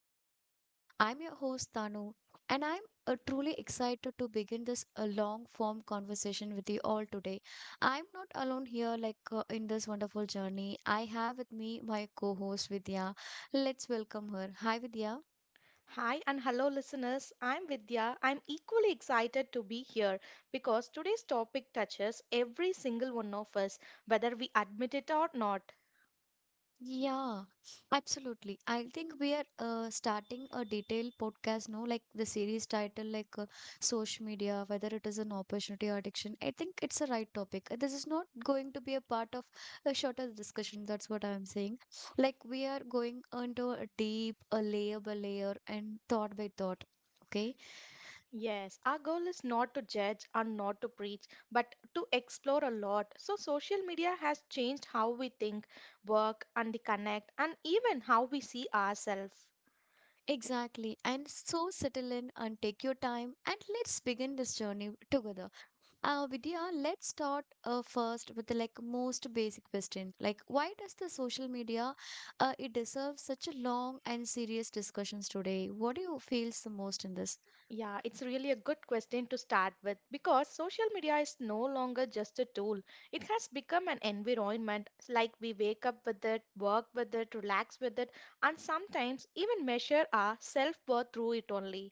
of India. I'm your host Tanu, and I'm truly excited to begin this long form conversation with you all today. I'm not alone here, like in this wonderful journey. I have with me my co-host Vidya. Let's welcome her. Hi, Vidya. Hi and hello, listeners. I'm Vidya. I'm equally excited to be here because today's topic touches every single one of us, whether we admit it or not. Yeah, absolutely. I think we are starting a detailed podcast, no, like the series title, like social media, whether it is an opportunity or addiction. I think it's a right topic. This is not going to be a part of a shorter discussion. That's what I'm saying. Like we are going into a deep, a layer by layer, and thought by thought. Okay, Yes, our goal is not to judge and not to preach, but to explore a lot. So, social media has changed how we think, work, and the connect, and even how we see ourselves. exactly. And so settle in and take your time and let's begin this journey together. Vidya, let's start first with the like most basic question. Like, why does the social media it deserves such a long and serious discussions today? What do you feels the most in this? Yeah, it's really a good question to start with because social media is no longer just a tool. It has become an environment like we wake up with it, work with it, relax with it, and sometimes even measure our self worth through it only.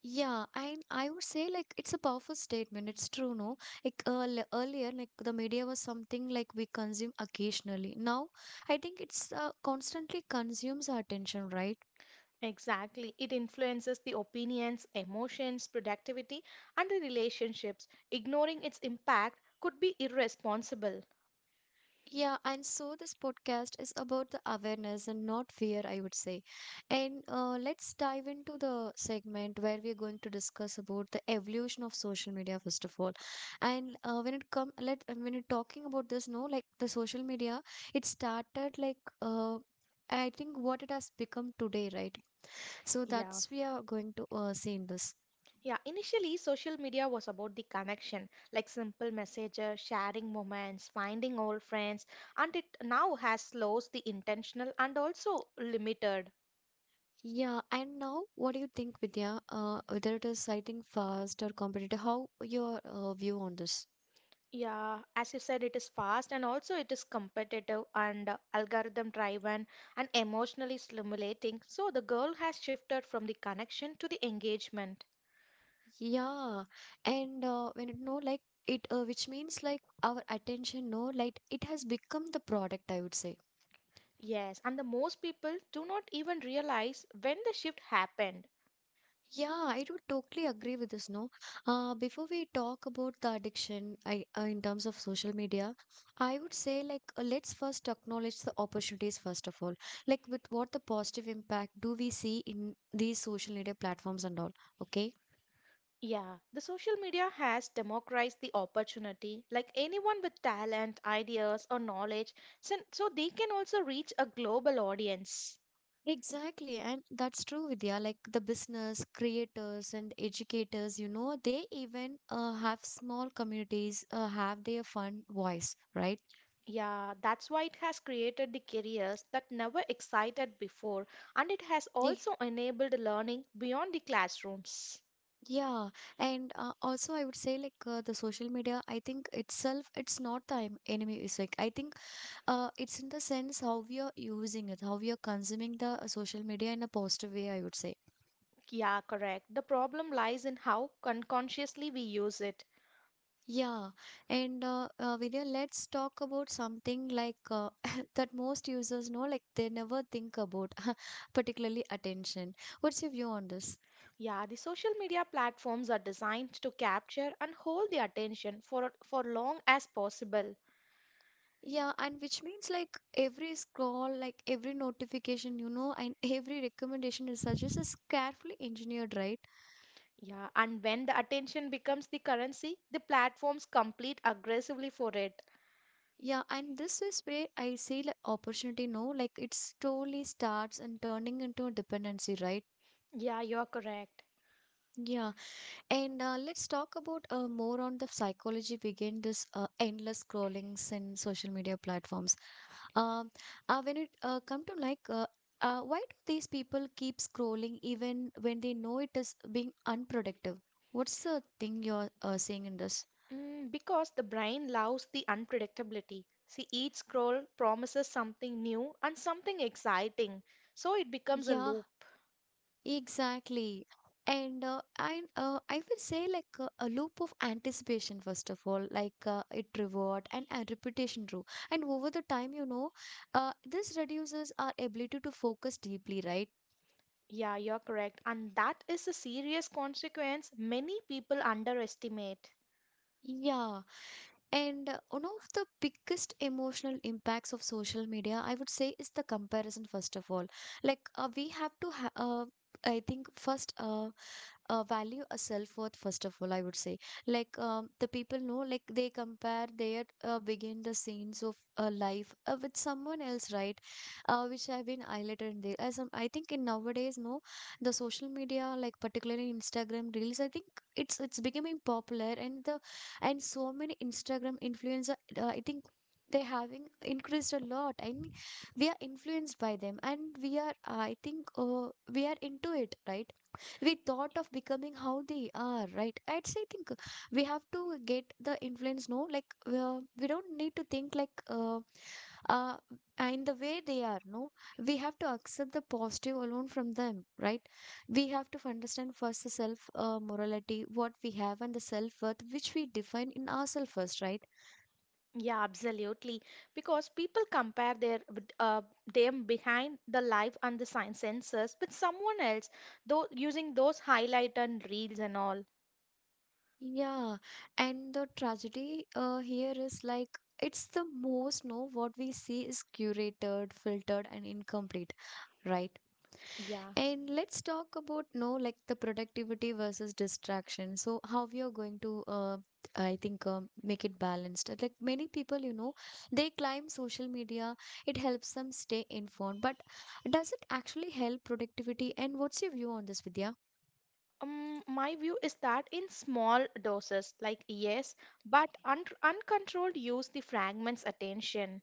Yeah, and I would say like it's a powerful statement. It's true, no? Like earlier, like the media was something like we consume occasionally. Now, I think it's constantly consumes our attention, right? Exactly. It influences the opinions, emotions, productivity, and the relationships. Ignoring its impact could be irresponsible. Yeah, and so this podcast is about the awareness and not fear, I would say. And let's dive into the segment where we're going to discuss about the evolution of social media first of all. And when it come, let when you're talking about this, no, like the social media, it started like I think what it has become today, right? So Yeah. that's we are going to see in this. Yeah, initially social media was about the connection, like simple messages, sharing moments, finding old friends, and it now has lost the intentional and also limited. Yeah, and now what do you think, Vidya? Whether it is, I think, fast or competitive? How your view on this? Yeah, as you said, it is fast and also it is competitive and algorithm driven and emotionally stimulating. So the goal has shifted from the connection to the engagement. Yeah, and when it no like it, which means like our attention, no, like it has become the product, I would say. Yes, and the most people do not even realize when the shift happened. Yeah, I do totally agree with this, no. Before we talk about the addiction, I in terms of social media, I would say like let's first acknowledge the opportunities first of all. Like with what the positive impact do we see in these social media platforms and all? Okay. Yeah, the social media has democratized the opportunity. Like anyone with talent, ideas, or knowledge, so, so they can also reach a global audience. Exactly, and that's true, Vidya. Like the business creators and educators, you know, they even have small communities have their fun voice, right? Yeah, that's why it has created the careers that never excited before, and it has Yeah, also enabled learning beyond the classrooms. yeah. And also, I would say like the social media. I think itself, it's not the enemy. It's like I think it's in the sense how we are using it, how we are consuming the social media in a positive way. I would say. Yeah, correct. The problem lies in how unconsciously we use it. Yeah, and Vidya, let's talk about something like that most users know, like they never think about, particularly attention. What's your view on this? Yeah, the social media platforms are designed to capture and hold the attention for long as possible. Yeah, and which means like every scroll, like every notification, you know, and every recommendation it suggests is carefully engineered, right? Yeah, and when the attention becomes the currency, the platforms compete aggressively for it. Yeah, and this is where I see like opportunity, no, like it slowly starts and turning into a dependency, right? Yeah, you're correct. Yeah. And let's talk about more on the psychology behind this endless scrollings in social media platforms. Um, when it come to like, why do these people keep scrolling even when they know it is being unproductive? What's the thing you're seeing in this? Mm, because the brain loves the unpredictability. See, each scroll promises something new and something exciting, so it becomes a Yeah, loop. exactly. And I will say like a loop of anticipation, first of all, like it reward and repetition too. And over the time, you know, this reduces our ability to focus deeply, right? Yeah, you're correct. And that is a serious consequence many people underestimate. Yeah. And one of the biggest emotional impacts of social media, I would say, is the comparison, first of all. Like we have to ha I think first value a self-worth first of all, I would say, like the people know like they compare their begin the scenes of life with someone else, right, which have been highlighted in there as I think in nowadays, no, the social media like particularly Instagram reels. I think it's becoming popular and the and so many Instagram influencer, I think they having increased a lot. I mean, we are influenced by them, and we are, I think, we are into it, right? We thought of becoming how they are, right? I'd say think we have to get the influence, no. Like we don't need to think like uh in the way they are, no. We have to accept the positive alone from them, right? We have to understand first the self morality what we have and the self worth which we define in ourselves first, right? Yeah, absolutely. Because people compare their them behind the life and the science sensors with someone else, though using those highlight and reels and all. Yeah, and the tragedy here is like it's the most, no, what we see is curated, filtered and incomplete, right? Yeah. And let's talk about, no, like the productivity versus distraction. So how we are going to I think make it balanced. Like many people, you know, they climb social media. It helps them stay informed, but does it actually help productivity? And what's your view on this, Vidya? My view is that in small doses, like yes, but un uncontrolled use the fragments attention.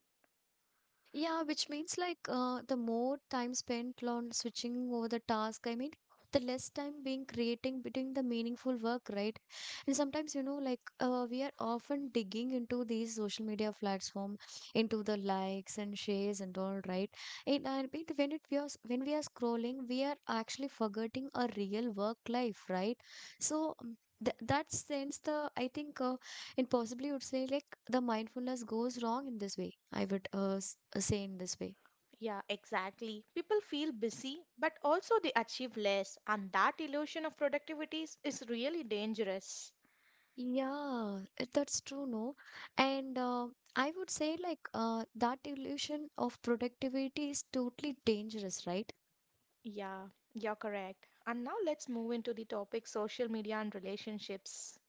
Yeah, which means like the more time spent on switching over the task, I mean, the less time being creating between the meaningful work, right? And sometimes, you know, like we are often digging into these social media platform, into the likes and shares and all, right? And I mean, when it we are, s- when we are scrolling, we are actually forgetting our real work life, right? So th that sense, the I think. And possibly would say like the mindfulness goes wrong in this way, I would say in this way. Yeah, exactly. People feel busy, but also they achieve less, and that illusion of productivity is really dangerous. Yeah, that's true, no. And I would say like that illusion of productivity is totally dangerous, right? Yeah, you're correct. And now let's move into the topic social media and relationships.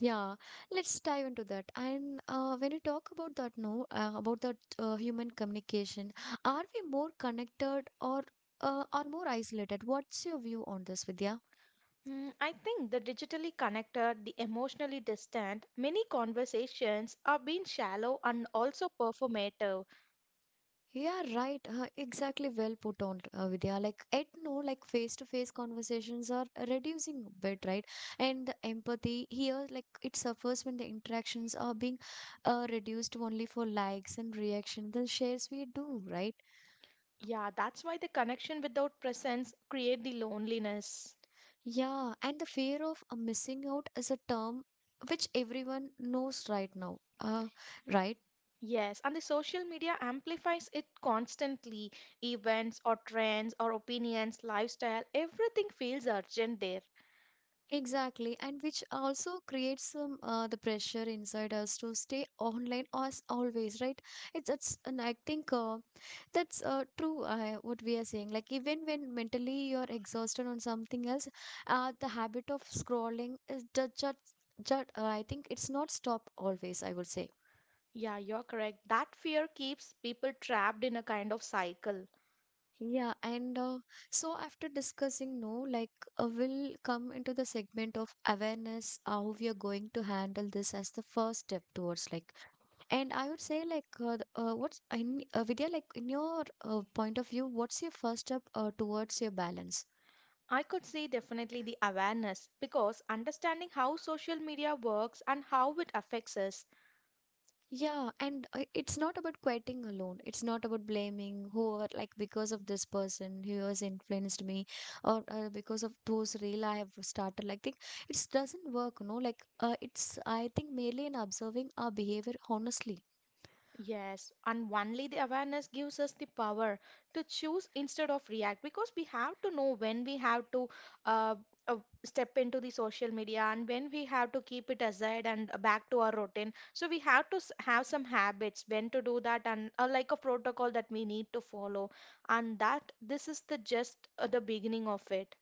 Yeah, let's dive into that. And when you talk about that, no, about that human communication, are we more connected or are more isolated? What's your view on this, Vidya? Hmm, I think the digitally connected, the emotionally distant, many conversations are being shallow and also performative. Yeah, right. Exactly. Well put on, Vidya. Like, at no, like face-to-face conversations are reducing a bit, right? And the empathy here, like, it suffers when the interactions are being reduced only for likes and reaction, the shares we do, right? Yeah, that's why the connection without presence create the loneliness. Yeah, and the fear of missing out is a term which everyone knows right now. Right. Yes, and the social media amplifies it constantly. Events or trends or opinions, lifestyle, everything feels urgent there. Exactly, and which also creates some the pressure inside us to stay online as always, right? It's and I think that's true. What we are saying, like even when mentally you're exhausted on something else, the habit of scrolling is just I think it's not stop always. I would say. Yeah, you're correct. That fear keeps people trapped in a kind of cycle. Yeah, and so after discussing, no, like we'll come into the segment of awareness, how we are going to handle this as the first step towards like. And I would say, like, what's in, Vidya, like, in your point of view, what's your first step towards your balance? I could see definitely the awareness because understanding how social media works and how it affects us. Yeah, and it's not about quitting alone. It's not about blaming whoever, like, because of this person who has influenced me, or because of those reel I have started. Like, think it doesn't work, no. Like, it's I think merely in observing our behavior honestly. Yes, and only the awareness gives us the power to choose instead of react because we have to know when we have to uh, uh, step into the social media and when we have to keep it aside and back to our routine. So we have to have some habits when to do that and like a protocol that we need to follow. And that this is the just the beginning of it.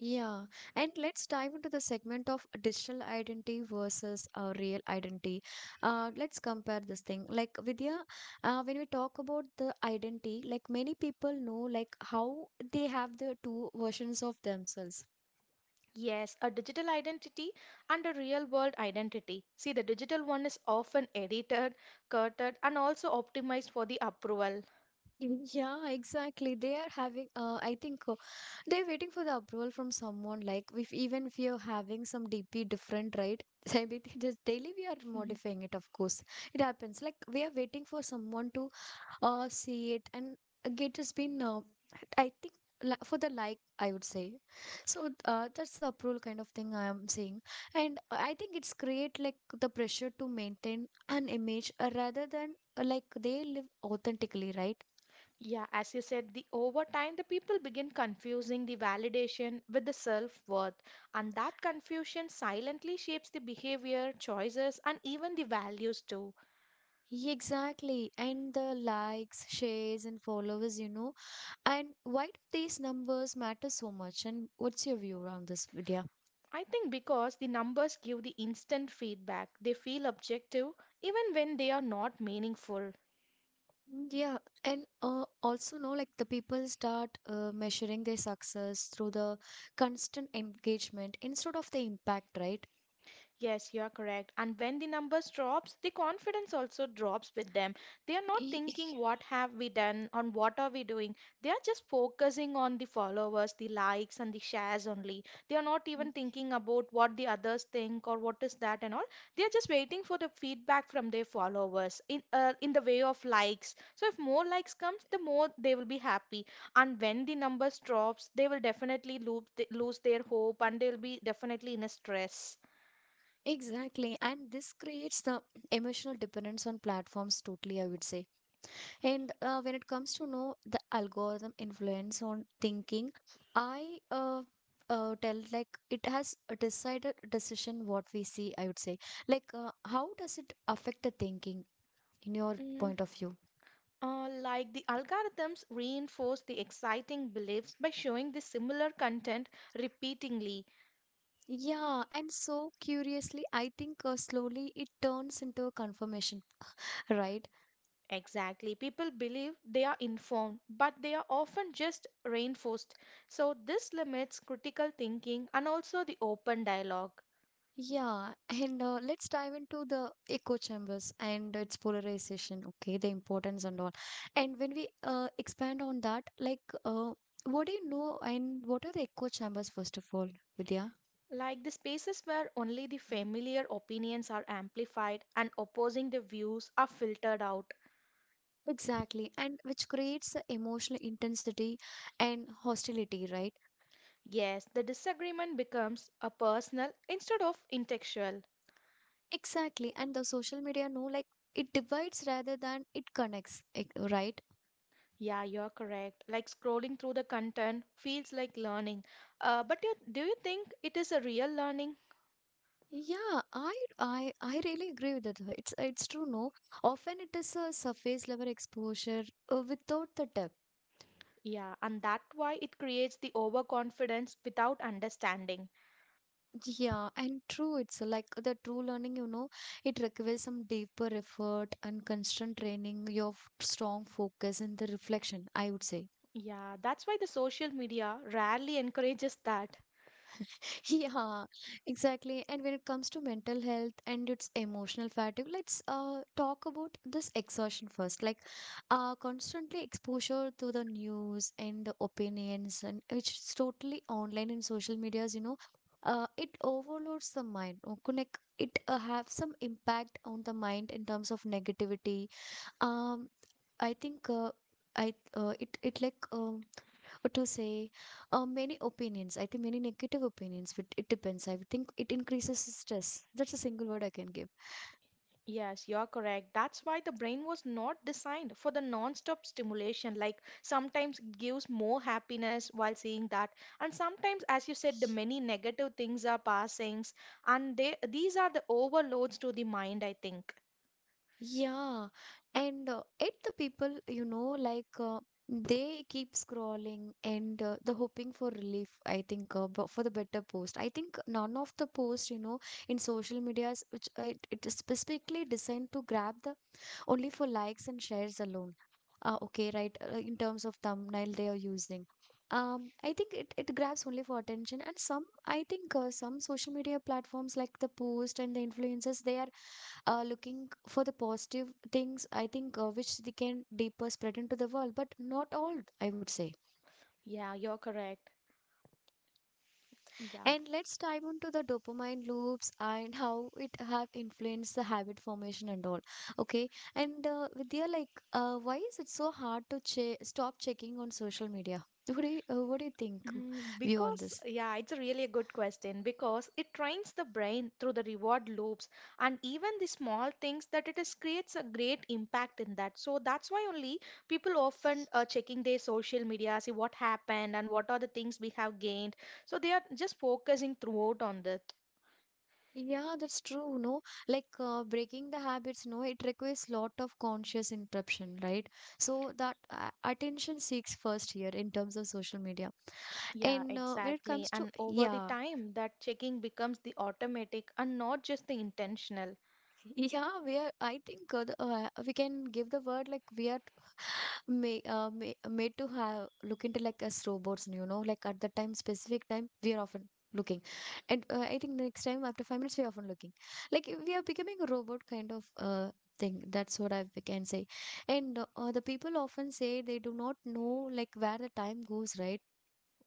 Yeah, and let's dive into the segment of digital identity versus real identity. Let's compare this thing. Like, Vidya, when we talk about the identity, like many people know, like how they have the two versions of themselves. Yes, a digital identity and a real world identity. See, the digital one is often edited, curated, and also optimized for the approval. Mm, yeah, exactly. They are having. I think they're waiting for the approval from someone. Like if even if you're having some DP different, right? Maybe they just daily we are Mhm. modifying it. Of course, it happens. Like we are waiting for someone to see it and it has been I think for the like, I would say. So that's the approval kind of thing I am saying. And I think it's create like the pressure to maintain an image rather than like they live authentically, right? Yeah, as you said, the over time the people begin confusing the validation with the self-worth, and that confusion silently shapes the behavior, choices, and even the values too. Exactly, and the likes, shares and followers, you know, and why do these numbers matter so much? And what's your view around this, video I think because the numbers give the instant feedback, they feel objective even when they are not meaningful. Mm, yeah, and also know like the people start measuring their success through the constant engagement instead of the impact, right? Yes, you are correct. And when the numbers drops, the confidence also drops with them. They are not E- e, thinking what have we done on what are we doing. They are just focusing on the followers, the likes and the shares only. They are not Mm, even thinking about what the others think or what is that and all. They are just waiting for the feedback from their followers in the way of likes. So if more likes comes, the more they will be happy. And when the numbers drops, they will definitely lose their hope and they'll be definitely in a stress. exactly, and this creates the emotional dependence on platforms totally, I would say. And when it comes to know the algorithm influence on thinking, I tell like it has a decided decision what we see, I would say. Like, how does it affect the thinking in your point of view? Like the algorithms reinforce the exciting beliefs by showing the similar content repeatedly. Yeah, and so curiously, I think slowly it turns into a confirmation, right? Exactly. People believe they are informed, but they are often just reinforced. So, this limits critical thinking and also the open dialogue. Yeah, and let's dive into the echo chambers and its polarization, okay, the importance and all. And when we expand on that, like, what do you know and what are the echo chambers, first of all, Vidya? Like the spaces where only the familiar opinions are amplified and opposing the views are filtered out. Exactly, and which creates the emotional intensity and hostility, right? Yes, the disagreement becomes a personal instead of intellectual. Exactly, and the social media know like it divides rather than it connects, right? Yeah, you're correct. Like scrolling through the content feels like learning. But you, do you think it is a real learning? Yeah, I really agree with that. It's true, no. Often it is a surface level exposure without the depth. Yeah, and that's why it creates the overconfidence without understanding. Yeah, and true, it's like the true learning, it requires some deeper effort and constant training, your strong focus and the reflection, I would say. Yeah, that's why the social media rarely encourages that. Yeah, exactly. And when it comes to mental health and its emotional fatigue, let's talk about this exhaustion first. Like, constantly exposure to the news and the opinions, and which is totally online in social medias, it overloads the mind. Or it have some impact on the mind in terms of negativity. Um, I think. I it it like. To say, many opinions, I think, many negative opinions, but it depends. I think it increases stress. That's a single word I can give. Yes, you're correct. That's why the brain was not designed for the non-stop stimulation. Like sometimes it gives more happiness while seeing that, and sometimes, as you said, the many negative things are passings, and they these are the overloads to the mind, I think. Yeah, and it, the people, like, they keep scrolling, and the hoping for relief, I think, for the better post, I think, none of the posts, in social medias, which it, is specifically designed to grab the only for likes and shares alone. Okay, right. In terms of thumbnail they are using. I think it grabs only for attention. And some, I think, some social media platforms like the post and the influencers, they are looking for the positive things, I think, which they can deeper spread into the world, but not all, I would say. Yeah, you're correct. Yeah. And let's dive into the dopamine loops and how it have influenced the habit formation and all. Okay, and Vidya, like, why is it so hard to che stop checking on social media? What do you think, Mm, view on because, this? yeah, it's a really a good question because it trains the brain through the reward loops and even the small things that it is creates a great impact in that. So that's why only people often are checking their social media, see what happened and what are the things we have gained. So they are just focusing throughout on that. Yeah, that's true. No, like breaking the habits. No, it requires lot of conscious interruption, right? So that attention seeks first here in terms of social media. Yeah, And when it exactly. comes to, And over the yeah, time, that checking becomes the automatic and not just the intentional. yeah, we are. I think we can give the word like we are made to have look into like as robots, you know, like at the time, specific time, we are often looking. And I think next time after 5 minutes, we are often looking. Like we are becoming a robot kind of thing. That's what I we can say. And the people often say they do not know like where the time goes, right?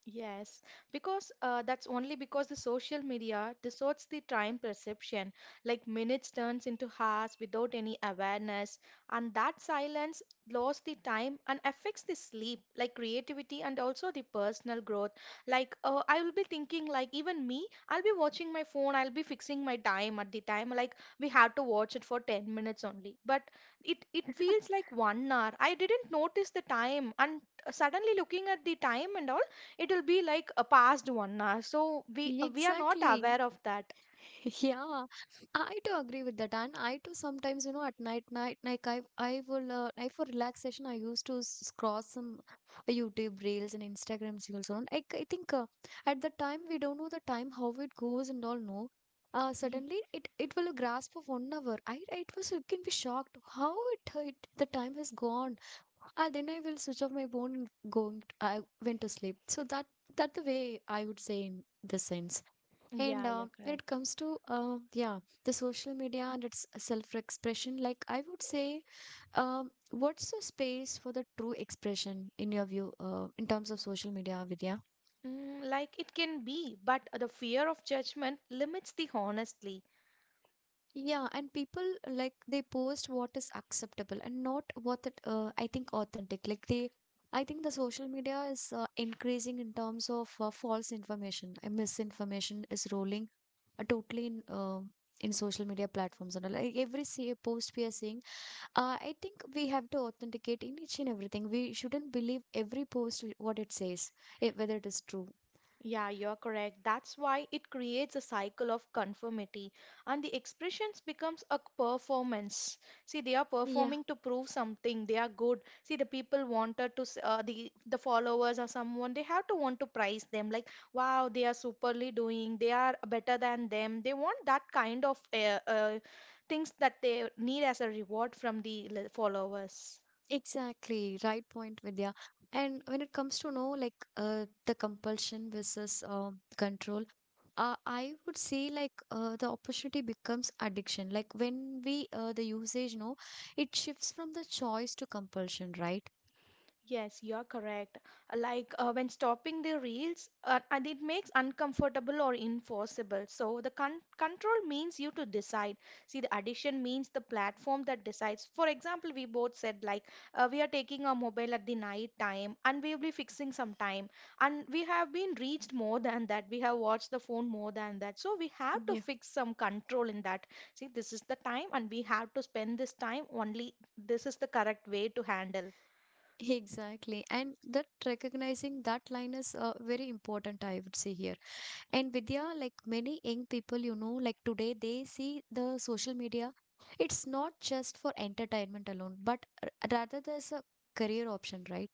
Yes, because that's only because the social media distorts the time perception, like minutes turns into hours without any awareness, and that silence blurs the time and affects the sleep, like creativity and also the personal growth. Like I will be thinking, like even me, I'll be watching my phone, I'll be fixing my time at the time, like we have to watch it for 10 minutes only, but it feels like 1 hour. I didn't notice the time, and suddenly looking at the time and all, it will be like a past 1 hour, so we are not Exactly. aware of that. Yeah, I do agree with that, and I do sometimes, at like I will, I for relaxation, I used to scroll some YouTube reels and Instagrams reels on. I think at the time we don't know the time how it goes and all. No, Mm. suddenly it will grasp of one hour. It was, it can be shocked how it the time has gone. Ah, then I will switch off my phone and going. I went to sleep. So that the way I would say in this sense. And Yeah, you're when it correct. comes to, yeah, the social media and its self-expression, like I would say, what's the space for the true expression in your view, in terms of social media, Vidya? Mm, like it can be, but the fear of judgment limits the honesty. Yeah, and people like they post what is acceptable and not what it, I think authentic. Like they, I think the social media is increasing in terms of false information. Misinformation is rolling totally in social media platforms and all. Like every say, post we are seeing. I think we have to authenticate in each and everything. We shouldn't believe every post what it says, eh, whether it is true. Yeah, you're correct. That's why it creates a cycle of conformity and the expressions becomes a performance. See, they are Yeah, performing to prove something. They are good. See, the people wanted to the followers or someone, they have to want to praise them like, wow, they are superly doing. They are better than them. They want that kind of things that they need as a reward from the followers. exactly. Right point, Vidya. And when it comes to know like the compulsion versus control, I would say like the opportunity becomes addiction. Like when we the usage, no, it shifts from the choice to compulsion, right? Yes, you're correct. Like when stopping the reels, and it makes uncomfortable or enforceable. So the control means you to decide. See, the addition means the platform that decides. For example, we both said like we are taking our mobile at the night time, and we will be fixing some time, and we have been reached more than that. We have watched the phone more than that. So we have to Yeah. fix some control in that. See, this is the time, and we have to spend this time only. This is the correct way to handle. Exactly. And that recognizing that line is very important, I would say here. And Vidya, like many young people, you know, like today they see the social media, it's not just for entertainment alone, but rather there's a career option, right?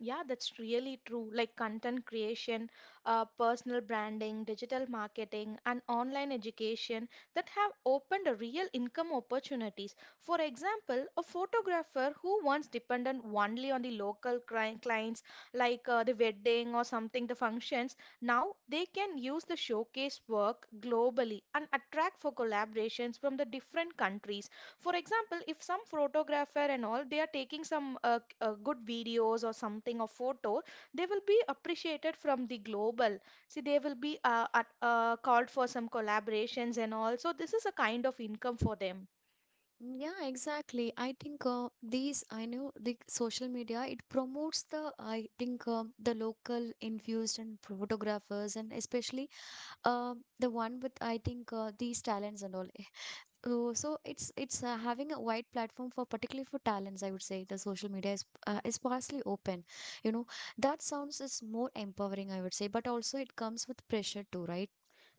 Yeah, that's really true. Like content creation, personal branding, digital marketing, and online education that have opened a real income opportunities. For example, a photographer who once depended only on the local clients, like the wedding or something, the functions, now they can use the showcase work globally and attract for collaborations from the different countries. For example, if some photographer and all they are taking some good videos or something or photo, they will be appreciated from the global. See, they will be called for some collaborations and all. So this is a kind of income for them. Yeah, exactly. I think these, I know the social media, it promotes the, I think, the local infused and photographers, and especially uh, the one with, I think, these talents and all. So it's having a wide platform for particularly for talents. I would say the social media is is partially open. You know that sounds is more empowering. I would say, but also it comes with pressure too, right?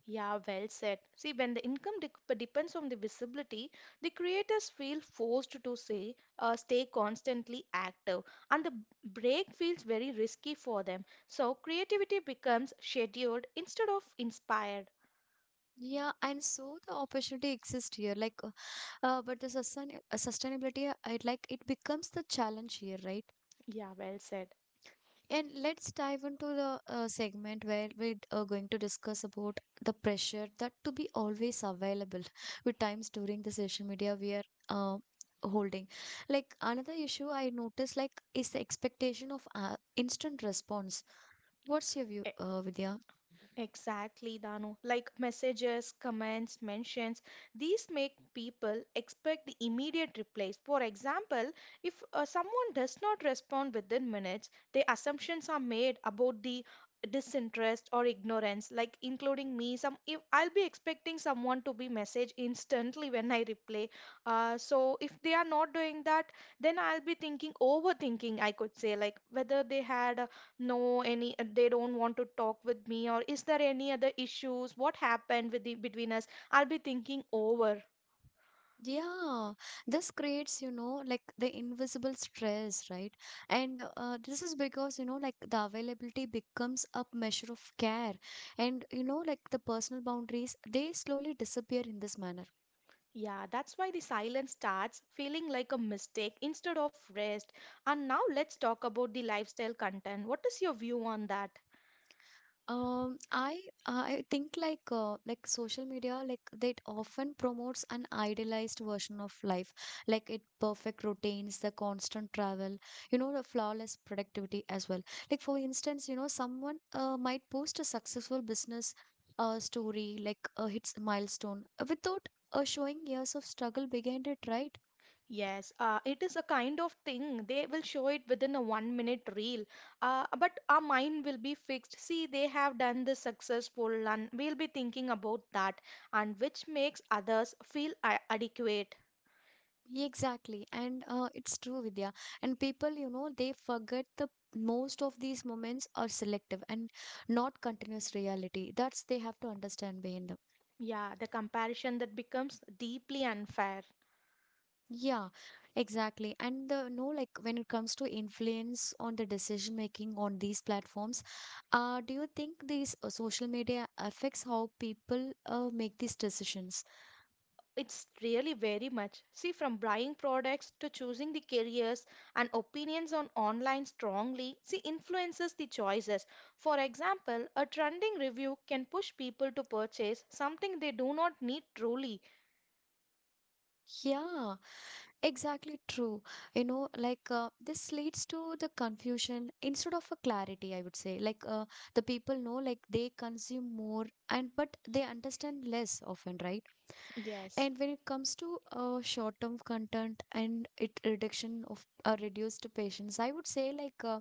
Yeah, well said. See, when the income depends on the visibility, the creators feel forced to say, stay constantly active, and the break feels very risky for them. So creativity becomes scheduled instead of inspired. Yeah, and so the opportunity exists here, like, but the sustainability, it like it becomes the challenge here, right? Yeah, well said. And let's dive into the segment where we are going to discuss about the pressure that to be always available with times during the social media we are uh, holding. Like another issue I noticed, like, is the expectation of instant response. What's your view, E- Vidya? Exactly, Danu. Like messages, comments, mentions, these make people expect the immediate replies. For example, if someone does not respond within minutes, the assumptions are made about the disinterest or ignorance, like including me. Some if I'll be expecting someone to be message instantly when I reply. So if they are not doing that, then I'll be thinking overthinking. I could say like whether they had a no any they don't want to talk with me. Or is there any other issues what happened with the between us? I'll be thinking over. Yeah, this creates, you know, like the invisible stress, right? And this is because, you know, like the availability becomes a measure of care. And, you know, like the personal boundaries, they slowly disappear in this manner. Yeah, that's why the silence starts feeling like a mistake instead of rest. And now let's talk about the lifestyle content. What is your view on that? I think like social media like that often promotes an idealized version of life, like it perfect routines, the constant travel, you know, the flawless productivity as well. Like for instance, you know, someone might post a successful business story, like hits milestone, without showing years of struggle behind it, right? Yes, it is a kind of thing. They will show it within a 1 minute reel. But our mind will be fixed. See, they have done this successful, and we'll be thinking about that, and which makes others feel adequate. Yeah, exactly. And it's true, Vidya. And people, you know, they forget the most of these moments are selective and not continuous reality. That's they have to understand behind them. Yeah, the comparison that becomes deeply unfair. Yeah, exactly. And the no, like when it comes to influence on the decision making on these platforms, do you think these social media affects how people make these decisions? It's really very much. See, from buying products to choosing the careers and opinions on online strongly, see, influences the choices. For example, a trending review can push people to purchase something they do not need truly. Yeah. Exactly true. You know, like this leads to the confusion instead of a clarity, I would say. Like the people know, like they consume more and but they understand less often, right? Yes. And when it comes to short-term content and it reduction of reduced patience, I would say, like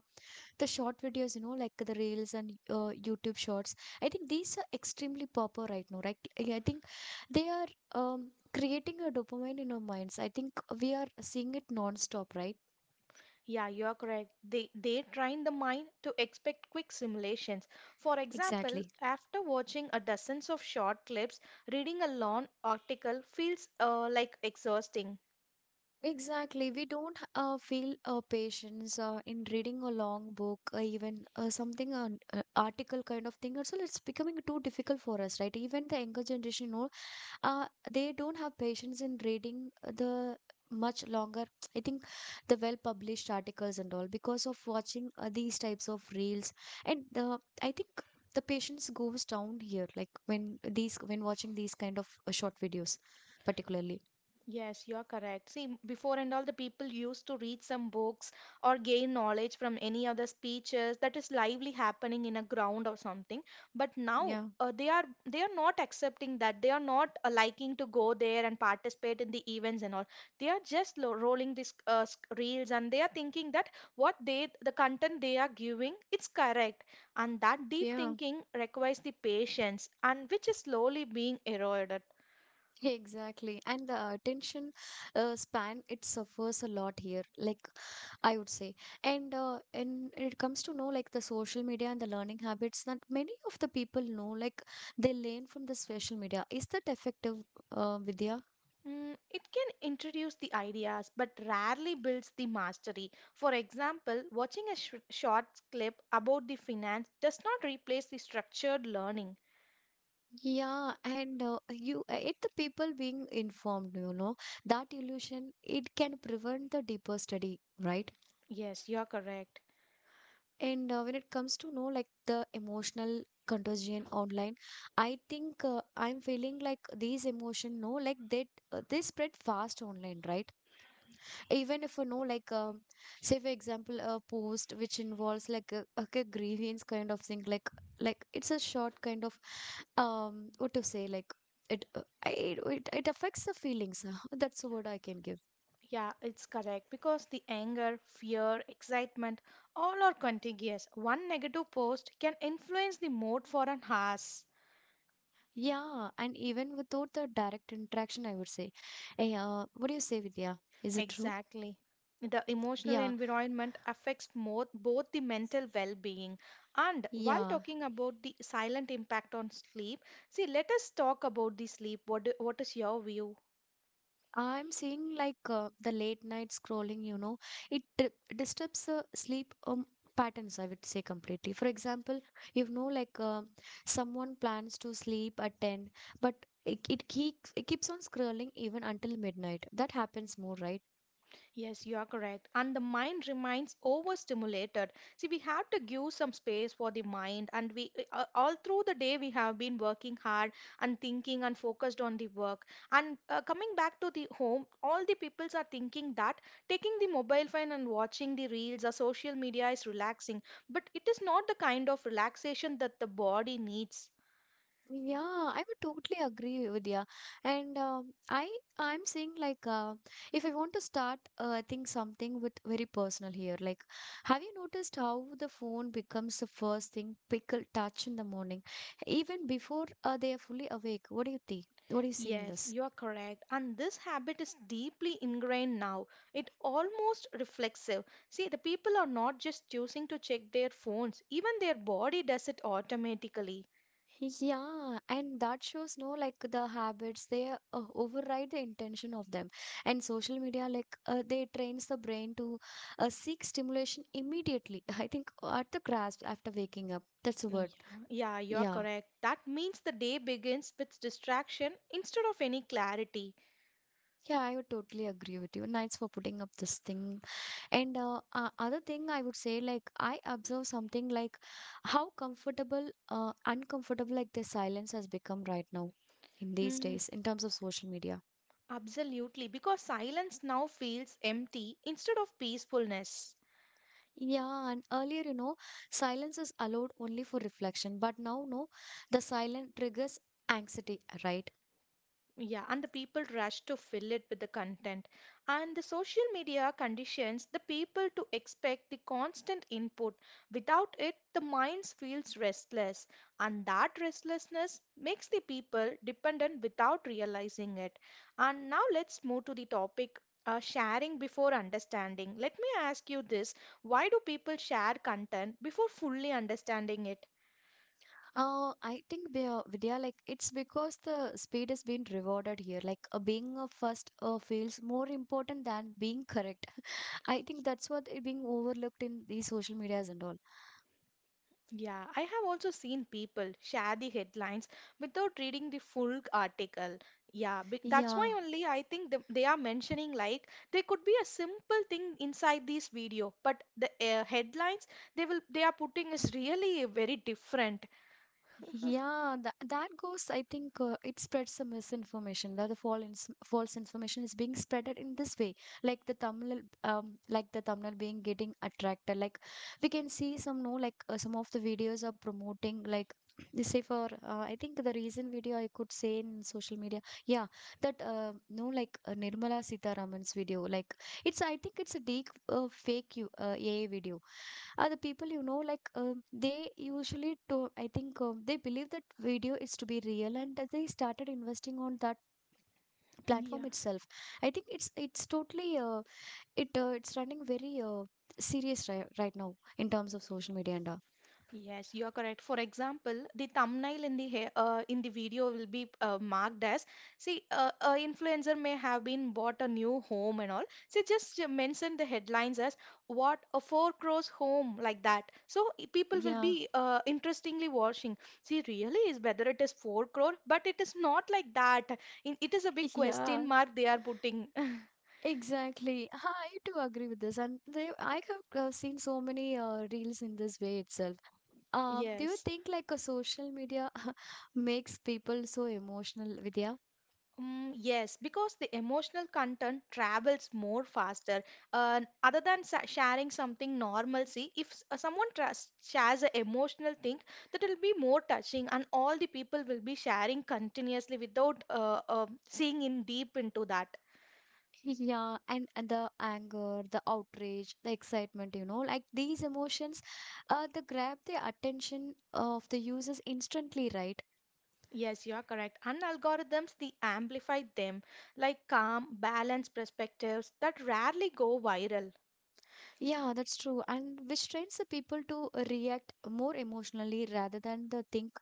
the short videos, you know, like the reels and YouTube shorts, I think these are extremely popular right now, right? Yeah, I think they are creating a dopamine in our minds. I think we are seeing it non-stop, right? Yeah, you are correct. They train the mind to expect quick simulations. For example, Exactly. after watching a dozens of short clips, reading a long article feels like exhausting. Exactly. We don't feel patience in reading a long book, even something, an article kind of thing. Also, it's becoming too difficult for us, right? Even the younger generation, you know, they don't have patience in reading the much longer I think the well published articles and all because of watching these types of reels. And the I think the patience goes down here, like when watching these kind of short videos particularly. Yes, you're correct. See, before and all, the people used to read some books or gain knowledge from any other speeches that is lively happening in a ground or something. But now Yeah. They are not accepting that. They are not liking to go there and participate in the events and all. They are just lo rolling these reels, and they are thinking that what they the content they are giving it's correct. And that deep Yeah. thinking requires the patience and which is slowly being eroded. Exactly. And the attention span, it suffers a lot here, like I would say. And and it comes to know like the social media and the learning habits that many of the people know, like they learn from the social media. Is that effective, Vidya? Mm, it can introduce the ideas but rarely builds the mastery. For example, watching a short clip about the finance does not replace the structured learning. Yeah, and it the people being informed, you know, that illusion, it can prevent the deeper study, right? Yes, you're correct. And when it comes to know like the emotional contagion online, I think I'm feeling like these emotion no like they spread fast online, right? Even if you know like say for example a post which involves like a grievance kind of thing like it's a short kind of what to say, like it I- it affects the feelings. That's the word I can give. Yeah, it's correct because the anger, fear, excitement all are contiguous. One negative post can influence the mood for an hours. Yeah, and even without the direct interaction, I would say. Eh, what do you say, Vidya? Is it true? Exactly. The emotional Yeah, environment affects more, both the mental well being. And while yeah. talking about the silent impact on sleep, see, let us talk about the sleep. What, what is your view? I'm seeing like the late night scrolling, it di- disturbs sleep patterns, I would say completely. For example, you know, like uh, someone plans to sleep at 10, but it keeps on scrolling even until midnight. That happens more, right? Yes, you are correct. And the mind remains overstimulated. See, we have to give some space for the mind, and we all through the day we have been working hard and thinking and focused on the work. And coming back to the home, all the peoples are thinking that taking the mobile phone and watching the reels or social media is relaxing, but it is not the kind of relaxation that the body needs. Yeah, I would totally agree with you. And I'm saying if I want to start, I think something with very personal here. Like, have you noticed how the phone becomes the first thing people touch in the morning, even before they are fully awake? What do you think? What do you see in Yes, this? you are correct. And this habit is deeply ingrained now. It almost reflexive. See, the people are not just choosing to check their phones, even their body does it automatically. Yeah, and that shows no like the habits they override the intention of them. And social media they trains the brain to seek stimulation immediately. I think at the grasp after waking up. That's a Yeah, word. yeah, you are Yeah. correct. That means the day begins with distraction instead of any clarity. Yeah, I would totally agree with you. Nice for putting up this thing. And other thing I would say, like I observe something like how comfortable, uncomfortable, like the silence has become right now in these Hmm, days in terms of social media. absolutely, because silence now feels empty instead of peacefulness. Yeah, and earlier, you know, silence is allowed only for reflection, but now, no, the silent triggers anxiety, right? Yeah, and the people rush to fill it with the content. And the social media conditions the people to expect the constant input. Without it, the mind feels restless, and that restlessness makes the people dependent without realizing it. And now let's move to the topic sharing before understanding. Let me ask you this, why do people share content before fully understanding it? I think, Vidya, like it's because the speed is being rewarded here. Being a first feels more important than being correct. I think that's what is being overlooked in these social medias and all. Yeah, I have also seen people share the headlines without reading the full article. That's Yeah. why only I think they are mentioning like there could be a simple thing inside this video, but the headlines they are putting is really very different. Yeah, that goes, I think it spreads some misinformation, that the false information is being spreaded in this way. Like the thumbnail being getting attracted. Like we can see some, no, some of the videos are promoting, like, they say for, I think the recent video I could say in social media, yeah, that, no, like Nirmala Sitaraman's video, like I think it's a deep fake AI video. Are the people, you know, like they usually to I think they believe that video is to be real, and that they started investing on that platform Yeah. itself. I think it's totally it's running very serious right now in terms of social media and Yes, you are correct. For example, the thumbnail in the hair, in the video will be marked as see, a influencer may have been bought a new home and all. So just mention the headlines as what a four crores home like that. So people will yeah. be interestingly watching. See, really is whether it is four crore, but it is not like that. It is a big question Yeah. mark they are putting. Exactly. Ha, I do agree with this. And they, I have seen so many reels in this way itself. Do you Yes. think like a social media makes people so emotional, Vidya? Mm, yes, because the emotional content travels more faster. Other than sharing something normalcy, if someone trust, shares an emotional thing, that will be more touching, and all the people will be sharing continuously without seeing in deep into that. Yeah, and the anger, the outrage, the excitement, you know, like these emotions, they grab the attention of the users instantly, right? Yes, you are correct. And algorithms, they amplify them, like calm, balanced perspectives that rarely go viral. Yeah, that's true. And which trains the people to react more emotionally rather than the think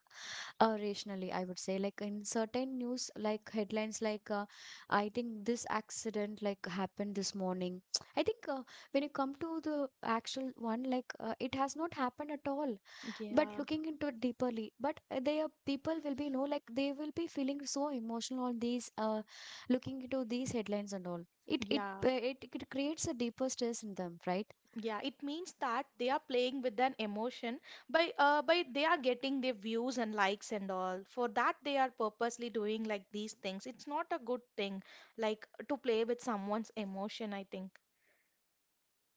rationally, I would say, like in certain news like headlines I think this accident like happened this morning. I think when you come to the actual one, it has not happened at all, but Yeah, looking into it deeperly. But they are people will be, you know, like they will be feeling so emotional on these looking into these headlines and all. Yeah. It creates a deeper stress in them, right? Yeah, it means that they are playing with an emotion by they are getting their views and likes and all. For that they are purposely doing like these things. It's not a good thing like to play with someone's emotion, I think.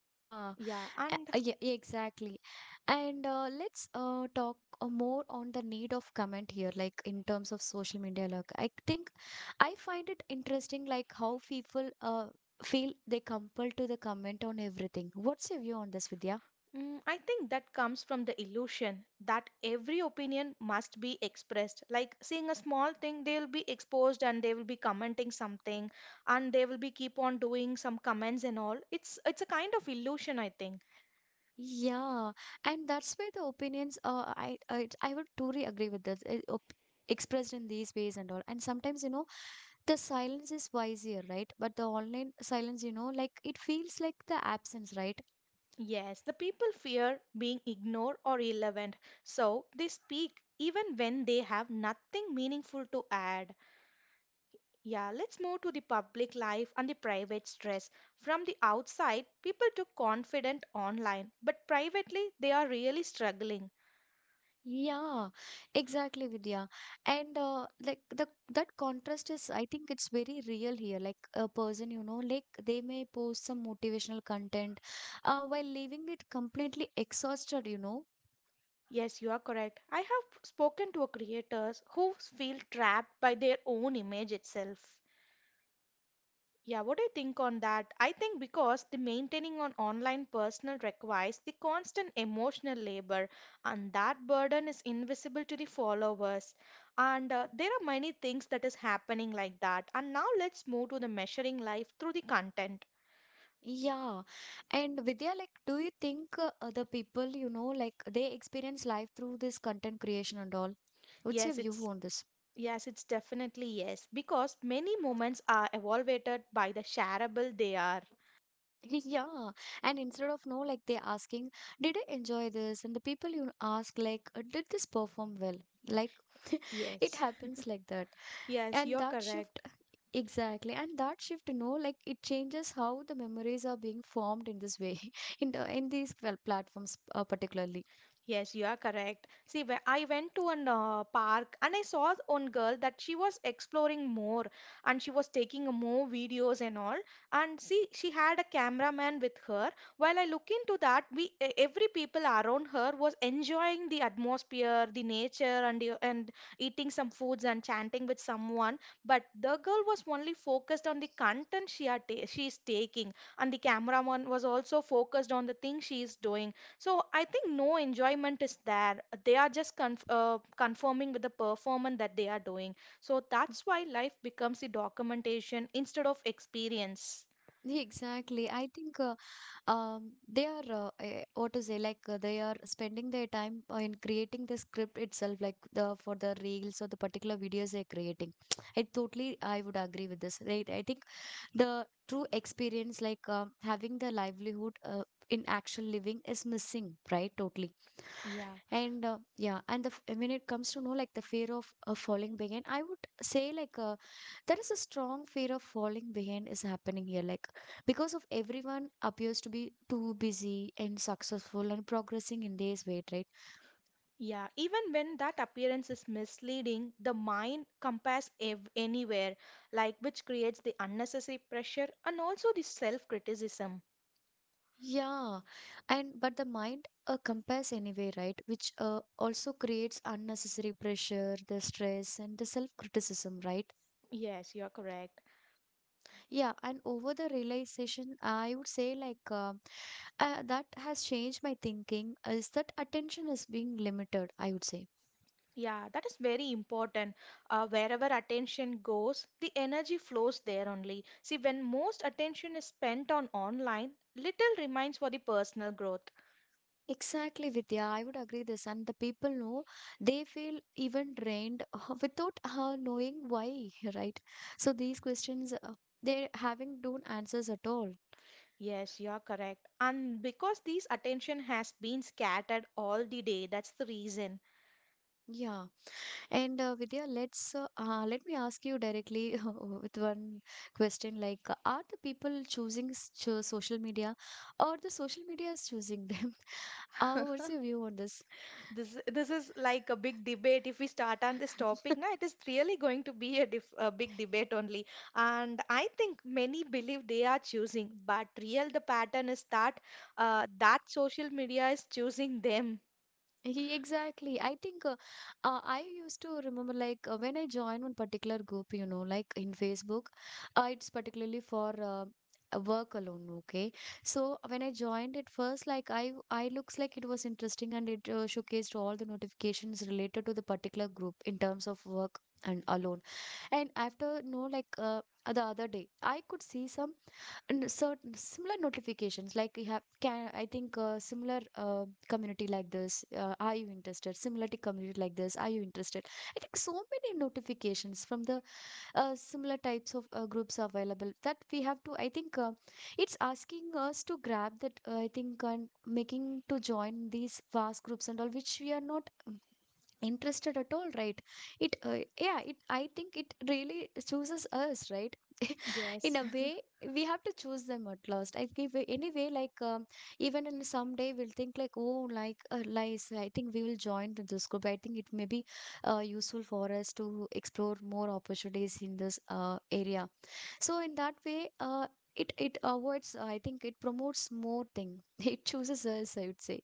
Yeah. Yeah, and Yeah, yeah, exactly. And let's talk more on the need of comment here, like in terms of social media. Like, I think I find it interesting, like how people feel they compelled to the comment on everything. What's your view on this, Vidya? mm, I think that comes from the illusion that every opinion must be expressed. Like seeing a small thing, they will be exposed and they will be commenting something and they will be keep on doing some comments and all. It's a kind of illusion, I think. Yeah, and that's where the opinions. I would totally agree with this. Expressed in these ways and all. And sometimes, you know, the silence is wiser, right? But the online silence, you know, like it feels like the absence, right? Yes, the people fear being ignored or irrelevant, so they speak even when they have nothing meaningful to add. Yeah, let's move to the public life and the private stress. From the outside, people look confident online, but privately, they are really struggling. Yeah, exactly, Vidya. And like the that contrast is, I think it's very real here. Like a person, you know, like they may post some motivational content, while leaving it completely exhausted, you know. Yes, you are correct. I have spoken to creators who feel trapped by their own image itself. Yeah, what do you think on that? I think because the maintaining on online personal requires the constant emotional labor, and that burden is invisible to the followers. And there are many things that is happening like that. And now let's move to the measuring life through the content. Yeah, and Vidya, like, do you think the people, you know, like they experience life through this content creation and all? What's your Yes, view it's on this? yes, it's definitely yes, because many moments are evaluated by the shareable they are. Yeah, and instead of no, like they asking, did I enjoy this? And the people you ask, like, did this perform well? Like it Yes, happens like that. yes, And you're that shift, correct. exactly, and that shift no like it changes how the memories are being formed in this way in these well, platforms particularly. Yes, you are correct. See, when I went to an park and I saw one girl that she was exploring more and she was taking more videos and all. And see, she had a cameraman with her. While I look into that, we every people around her was enjoying the atmosphere, the nature, and eating some foods and chatting with someone. But the girl was only focused on the content she are ta she is taking, and the cameraman was also focused on the thing she is doing. So I think no enjoyment is there. They are just conforming with the performance that they are doing. So that's why life becomes the documentation instead of experience. Exactly, I think they are what to say, they are spending their time in creating the script itself, like the for the reels or the particular videos they're creating. I totally I would agree with this, right? I think the true experience, having the livelihood in actual living is missing, right? Totally. Yeah. And yeah, and when it comes to know like the fear of falling behind, I would say, there is a strong fear of falling behind is happening here, like because of everyone appears to be too busy and successful and progressing in this way, right? Yeah, even when that appearance is misleading, the mind compares anywhere, like which creates the unnecessary pressure and also the self criticism. Yeah, and but the mind compares anyway, right? Which also creates unnecessary pressure, the stress and the self criticism, right? Yes, you're correct. Yeah, and over the realization, I would say, that has changed my thinking is that attention is being limited, I would say. Yeah, that is very important. Wherever attention goes, the energy flows there only. See, when most attention is spent on online, little remains for the personal growth. Exactly, Vidya. I would agree this. And the people know they feel even drained without knowing why, right? So these questions, they having don't answers at all. Yes, you are correct. And because this attention has been scattered all the day, that's the reason. Yeah. And Vidya, let's let me ask you directly with one question: like, are the people choosing social media, or the social media is choosing them? What's your view on this? This is like a big debate. If we start on this topic now, it is really going to be a, dif a big debate only. And I think many believe they are choosing, but real the pattern is that that social media is choosing them. Exactly. I think I used to remember when I joined one particular group, you know, like in Facebook, it's particularly for work alone. Okay, so when I joined it first, like I looks like it was interesting and it showcased all the notifications related to the particular group in terms of work and alone. And after no, the other day, I could see some and certain similar notifications like you have can, I think similar uh, community like this are you interested, similarity community like this are you interested. I think so many notifications from the similar types of groups are available that we have to, I think it's asking us to grab that, I think and making to join these vast groups and all, which we are not interested at all, right? it yeah, it I think it really chooses us, right? In Yes. a way we have to choose them at last I give anyway like even in someday we'll think like oh, lies, I think we will join this group, I think it may be useful for us to explore more opportunities in this area. So in that way it avoids, I think it promotes more thing. It chooses us, I would say.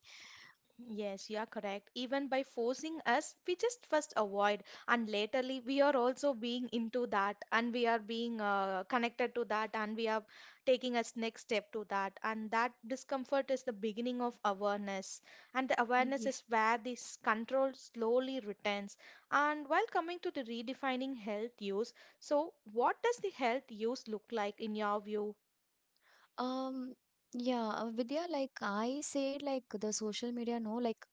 Yes, you are correct. Even by forcing us, we just first avoid, and laterly we are also being into that, and we are being connected to that, and we are taking us next step to that, and that discomfort is the beginning of awareness, and the awareness Yeah. is where this control slowly returns. And while coming to the redefining health use, so what does the health use look like in your view? Um, yeah, Vidya, like I said, like the social media, no, like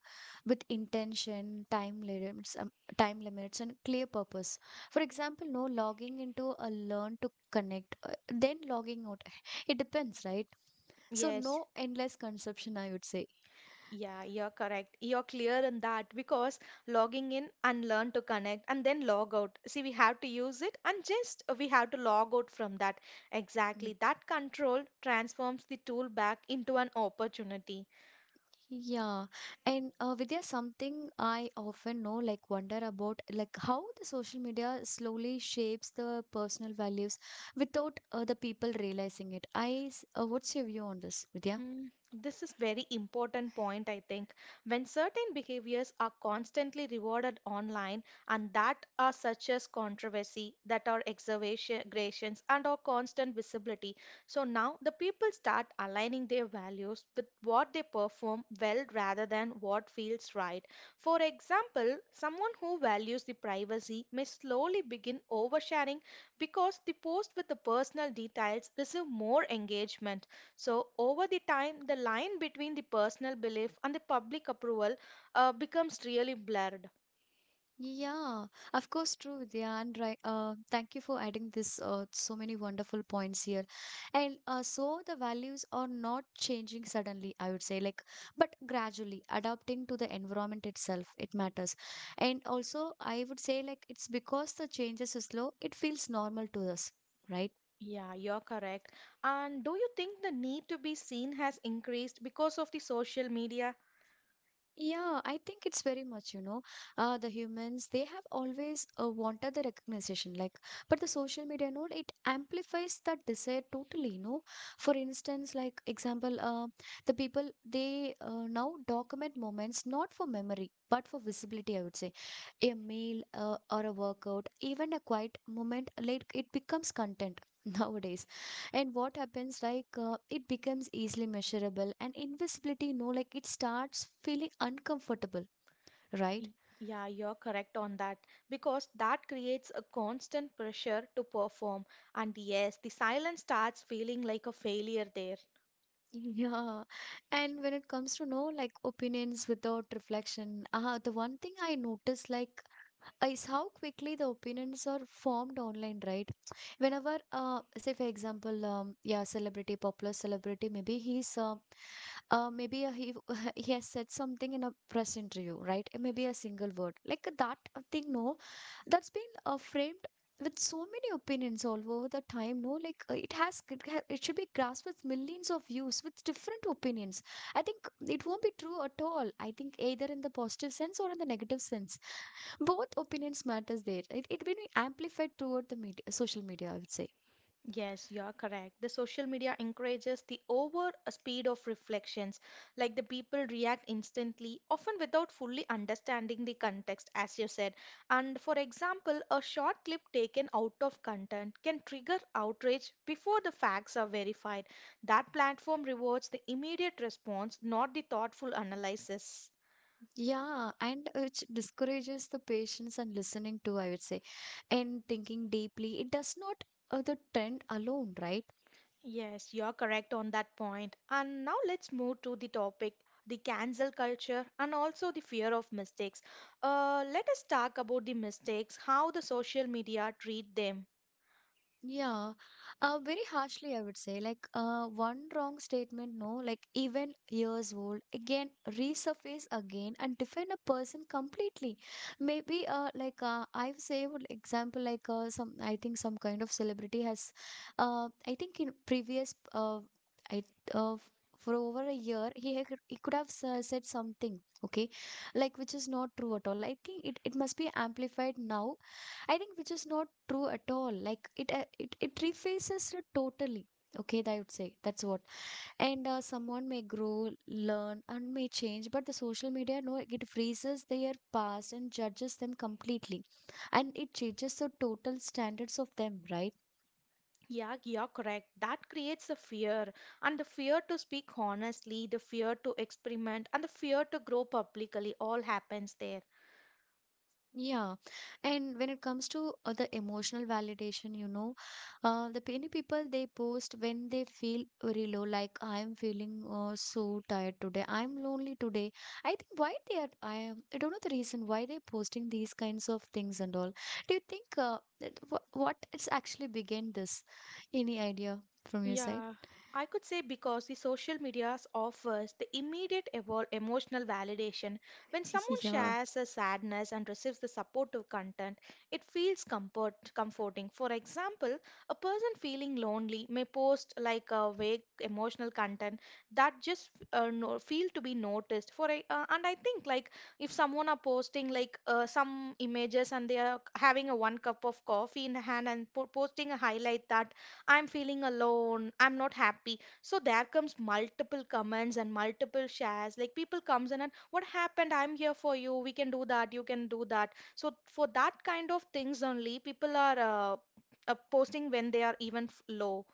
with intention, time limits, and clear purpose. For example, no logging into a learn to connect, then logging out. It depends, right? So Yes. no endless consumption, I would say. Yeah, you're correct. You're clear in that because logging in and learn to connect and then log out. See, we have to use it and just we have to log out from that. Mm. Exactly. That control transforms the tool back into an opportunity. Yeah, and Vidya, something I often know, like wonder about, like how the social media slowly shapes the personal values without the people realizing it. What's your view on this, Vidya? Mm, this is very important point, I think. When certain behaviors are constantly rewarded online and that are such as controversy, that are exaggerations and are constant visibility. So now the people start aligning their values with what they perform well rather than what feels right. For example, someone who values the privacy may slowly begin oversharing because the post with the personal details receive more engagement. So, over the time, the line between the personal belief and the public approval becomes really blurred. Yeah, of course, true, Vidya, and right? Thank you for adding this, so many wonderful points here. And so the values are not changing suddenly, I would say, like, but gradually adapting to the environment itself, it matters. And also, I would say, like, it's because the changes is slow, it feels normal to us, right? Yeah, you're correct. And do you think the need to be seen has increased because of the social media? Yeah, I think it's very much, you know, the humans, they have always wanted the recognition, like, but the social media node, it amplifies that desire totally, you know. For instance, like, example, the people, they now document moments not for memory, but for visibility, I would say. A meal or a workout, even a quiet moment, like, it becomes content nowadays. And what happens it becomes easily measurable, and invisibility, no, like it starts feeling uncomfortable, right? Y- Yeah, you're correct on that because that creates a constant pressure to perform. And yes, the silence starts feeling like a failure there. Yeah. And when it comes to know like opinions without reflection, the one thing I noticed like is how quickly the opinions are formed online, right? Whenever, say for example, yeah, celebrity, popular celebrity, maybe he he has said something in a press interview, right? Maybe a single word like that thing. No, that's been framed with so many opinions all over the time, no, like it has it, ha- it should be grasped with millions of views with different opinions, I think it won't be true at all. I think either in the positive sense or in the negative sense, both opinions matters there. It will be amplified toward the media, social media, I would say. Yes, you are correct. The social media encourages the over speed of reflections, like the people react instantly, often without fully understanding the context, as you said. And for example, a short clip taken out of content can trigger outrage before the facts are verified. That platform rewards the immediate response, not the thoughtful analysis. Yeah, and which discourages the patience and listening too, I would say, and thinking deeply. It does not the trend alone, right? Yes, you're correct on that point. And now let's move to the topic the cancel culture and also the fear of mistakes. Let us talk about the mistakes, how the social media treat them. Yeah, very harshly, I would say. Like, one wrong statement, no, like even years old, again resurface again and define a person completely. Maybe, I've saved example, like some, I think some kind of celebrity has, I think in previous, I uh, f- for over a year he had, he could have said something, okay, like which is not true at all. I think it it must be amplified now. I think which is not true at all. Like it refaces it totally. Okay, I would say that's what. And someone may grow, learn, and may change, but the social media, no, it freezes their past and judges them completely, and it changes the total standards of them, right? Yeah, you're correct. That creates a fear, and the fear to speak honestly, the fear to experiment, and the fear to grow publicly all happens there. Yeah, and when it comes to the emotional validation, you know, the many people, they post when they feel very low, like I'm feeling so tired today, I'm lonely today. I think why they are, I am, I don't know the reason why they're posting these kinds of things and all. Do you think what it's actually began this? Any idea from your side? Yeah, I could say because the social medias offers the immediate evol emotional validation. When someone Yeah. shares a sadness and receives the supportive content, it feels comforting. For example, a person feeling lonely may post like a vague emotional content that just no, feel to be noticed. For a, and I think like if someone are posting like some images and they are having a one cup of coffee in hand and po posting a highlight that I'm feeling alone, I'm not happy. So there comes multiple comments and multiple shares. Like people comes in and what happened? I'm here for you. We can do that. You can do that. So for that kind of things only, people are posting when they are even low.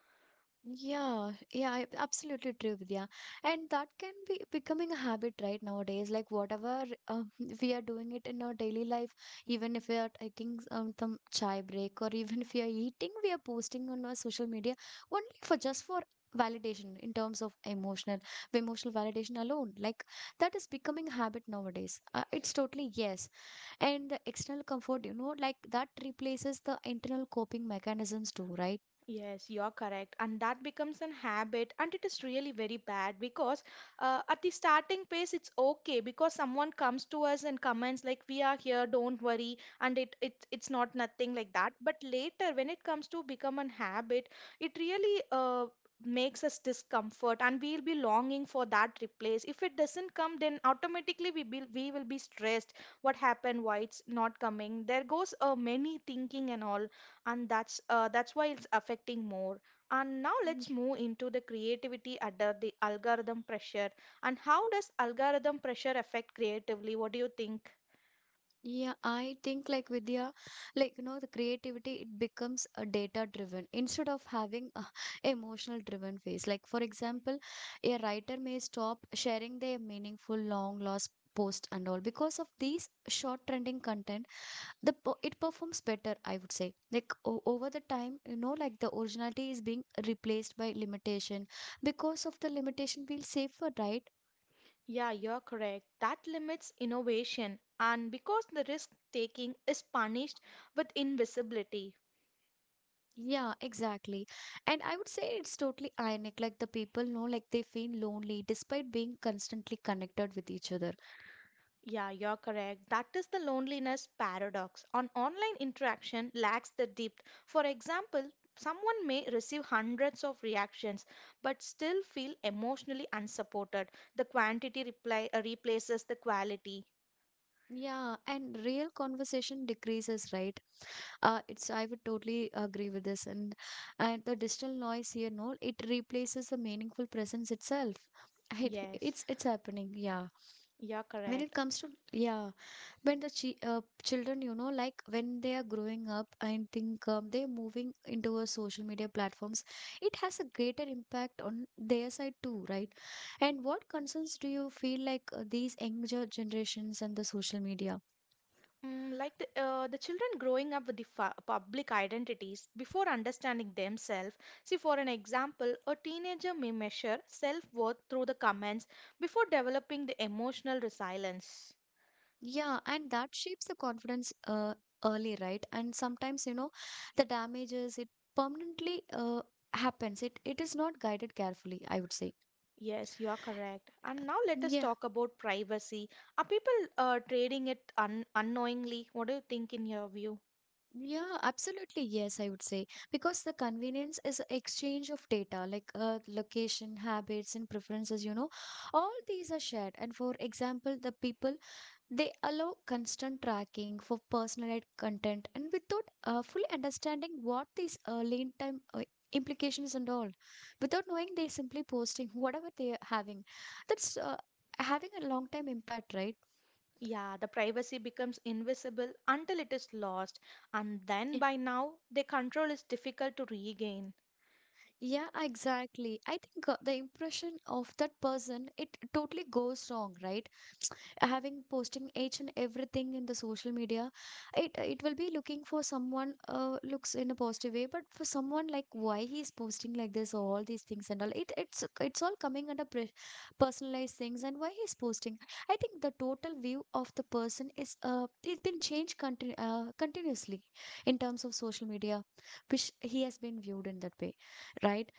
Yeah, yeah, I- absolutely true, Vidya. And that can be becoming a habit right nowadays. Like whatever we are doing it in our daily life, even if we are taking some chai break or even if we are eating, we are posting on our social media only for just for validation in terms of emotional, emotional validation alone. Like that is becoming a habit nowadays. It's totally yes. And the external comfort, you know, like that replaces the internal coping mechanisms too, right? Yes, you're correct. And that becomes an habit, and it is really very bad because at the starting phase, it's okay because someone comes to us and comments like, "We are here, don't worry," and it's not nothing like that. But later, when it comes to become an habit, it really makes us discomfort, and we'll be longing for that replace. If it doesn't come, then automatically we will be stressed. What happened? Why it's not coming? There goes many thinking and all, and that's why it's affecting more. And now Mm, let's move into the creativity under the algorithm pressure, and how does algorithm pressure affect creatively? What do you think? yeah, I think like Vidya, like you know, the creativity, it becomes a data driven instead of having a emotional driven phase. Like for example, a writer may stop sharing their meaningful long lost post and all because of these short trending content. It performs better, I would say. Like o over the time, you know, like the originality is being replaced by limitation. Because of the limitation, we'll safer, right? Yeah, you're correct, that limits innovation and because the risk taking is punished with invisibility. Yeah, exactly. And I would say it's totally ironic. Like the people know, like they feel lonely despite being constantly connected with each other. Yeah, you're correct. That is the loneliness paradox. On online interaction lacks the depth. For example, someone may receive hundreds of reactions but still feel emotionally unsupported. The quantity reply, replaces the quality. Yeah, and real conversation decreases, right? It's I would totally agree with this, and the digital noise here, no, it replaces the meaningful presence itself. It, Yes, it's it's happening, yeah. you're When it correct. comes to yeah. When the children, you know, like when they are growing up, I think they're moving into a social media platforms. It has a greater impact on their side too, right? And what concerns do you feel like these younger generations and the social media? Mm, like the children growing up with the fa public identities before understanding themselves. See, for an example, a teenager may measure self-worth through the comments before developing the emotional resilience. Yeah, and that shapes the confidence early, right? And sometimes, you know, the damages it permanently happens. It is not guided carefully, I would say. Yes, you are correct. And now let us Yeah. talk about privacy. Are people trading it un unknowingly? What do you think in your view? Yeah, absolutely. Yes, I would say because the convenience is exchange of data like earth, location, habits, and preferences. You know, all these are shared. And for example, the people, they allow constant tracking for personalized content and without fully understanding what these lane time implications and all. Without knowing, they simply posting whatever they are having. That's having a long time impact, right? Yeah, the privacy becomes invisible until it is lost, and then by now, the control is difficult to regain. Yeah, exactly. I think the impression of that person, it totally goes wrong, right? Having posting each and everything in the social media, it will be looking for someone, looks in a positive way, but for someone like why he's posting like this all these things and all, it's it's all coming under personalized things and why he's posting. I think the total view of the person is it's been changed continuously in terms of social media, which he has been viewed in that way, right?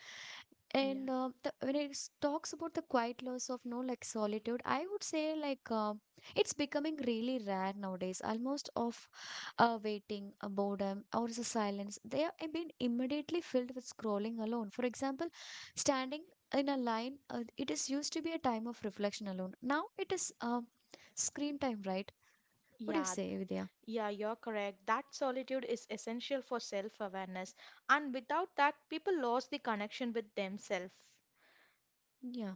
And Yeah. The, when it talks about the quiet loss of no like solitude, I would say, like it's becoming really rare nowadays. Almost of waiting, boredom or the silence, they are have been immediately filled with scrolling alone. For example, standing in a line, it is used to be a time of reflection alone. Now it is screen time, right? What do you Yeah, say, Vidya? yeah, you're correct. That solitude is essential for self-awareness, and without that, people lose the connection with themselves. Yeah,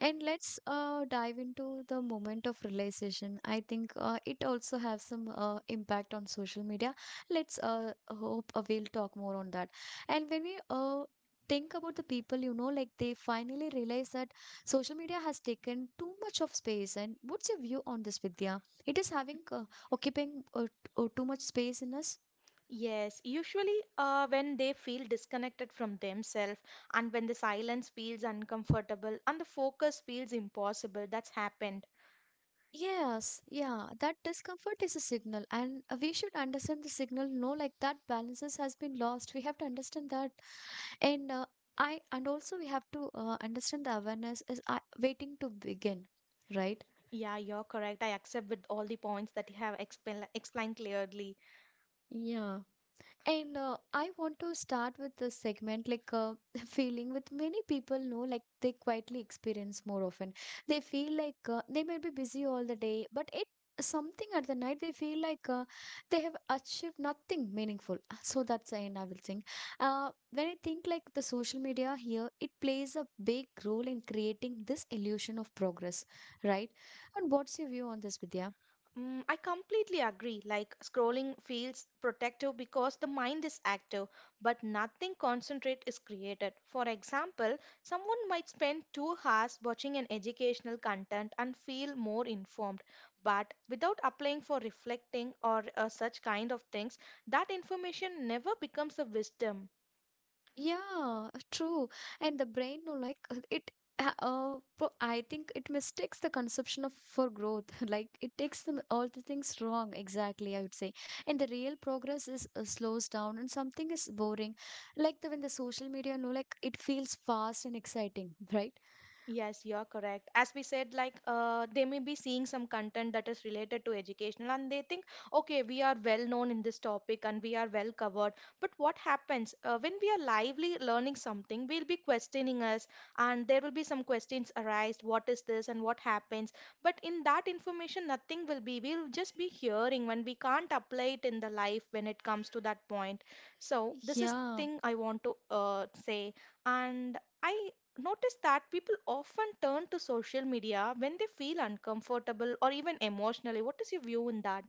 and let's dive into the moment of realization. I think it also has some impact on social media. Let's hope we'll talk more on that. And when we think about the people, you know, like they finally realize that social media has taken too much of space. And what's your view on this, Vidya? It is having occupying too much space in us. Yes, usually when they feel disconnected from themselves, and when the silence feels uncomfortable and the focus feels impossible, that's happened. Yes, yeah, that discomfort is a signal, and we should understand the signal. No, like that balances has been lost. We have to understand that, and I and also we have to understand the awareness is waiting to begin, right? Yeah, you're correct. I accept with all the points that you have explained clearly. Yeah. And I want to start with this segment like feeling with many people know, like they quietly experience more often. They feel like they may be busy all the day, but it something at the night they feel like they have achieved nothing meaningful. So that's the end I will think. When I think like the social media here, it plays a big role in creating this illusion of progress, right? And what's your view on this, Vidya? Mm, I completely agree. Like scrolling feels protective because the mind is active, but nothing concentrate is created. For example, someone might spend 2 hours watching an educational content and feel more informed, but without applying for reflecting or such kind of things, that information never becomes a wisdom. Yeah, true. And the brain, no, like I think it mistakes the conception of for growth. Like it takes them all the things wrong. Exactly, I would say. And the real progress is slows down, and something is boring, like the when the social media, no, like it feels fast and exciting, right? Yes, you're correct. As we said, like they may be seeing some content that is related to educational and they think, okay, we are well known in this topic and we are well covered. But what happens when we are lively learning something, we'll be questioning us and there will be some questions arise, what is this and what happens. But in that information, nothing will be. We'll just be hearing when we can't apply it in the life when it comes to that point. So this is Yeah. thing I want to say. And I notice that people often turn to social media when they feel uncomfortable or even emotionally. What is your view in that?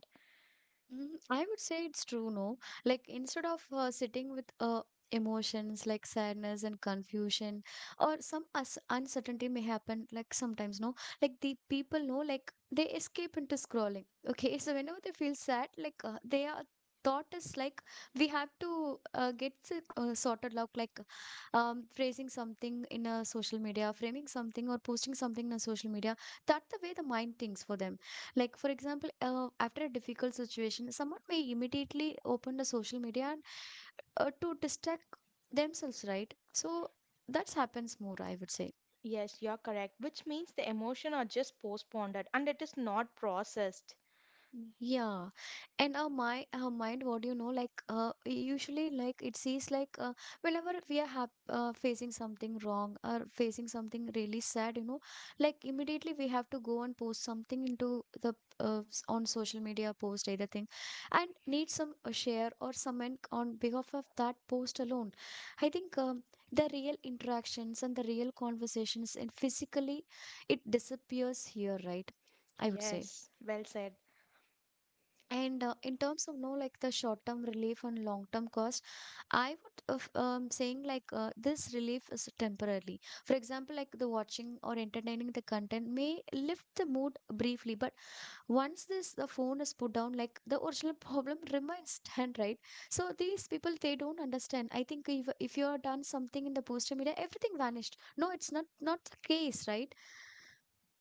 Mm, I would say it's true, no? Like instead of sitting with emotions like sadness and confusion or some us uncertainty may happen like sometimes, no? Like the people know, like they escape into scrolling. Okay, so whenever they feel sad, like they are thought is like we have to get sorted out like phrasing something in a social media, framing something or posting something in a social media. That's the way the mind thinks for them. Like, for example, after a difficult situation, someone may immediately open the social media and to distract themselves, right? So that's happens more, I would say. Yes, you're correct, which means the emotion are just postponed and it is not processed. Yeah, and our mind, what do you know, like, usually, like, it sees, like, whenever we are hap facing something wrong or facing something really sad, you know, like, immediately we have to go and post something into the on social media, post either thing, and need some share or someone on behalf of that post alone. I think the real interactions and the real conversations and physically, it disappears here, right? I would say. Yes, well said. And in terms of no like the short term relief and long term cost, I would of, saying like this relief is temporarily. For example, like the watching or entertaining the content may lift the mood briefly, but once this the phone is put down, like the original problem remains stand, right. So these people they don't understand. I think if you have done something in the poster media, everything vanished. No, it's not not the case, right?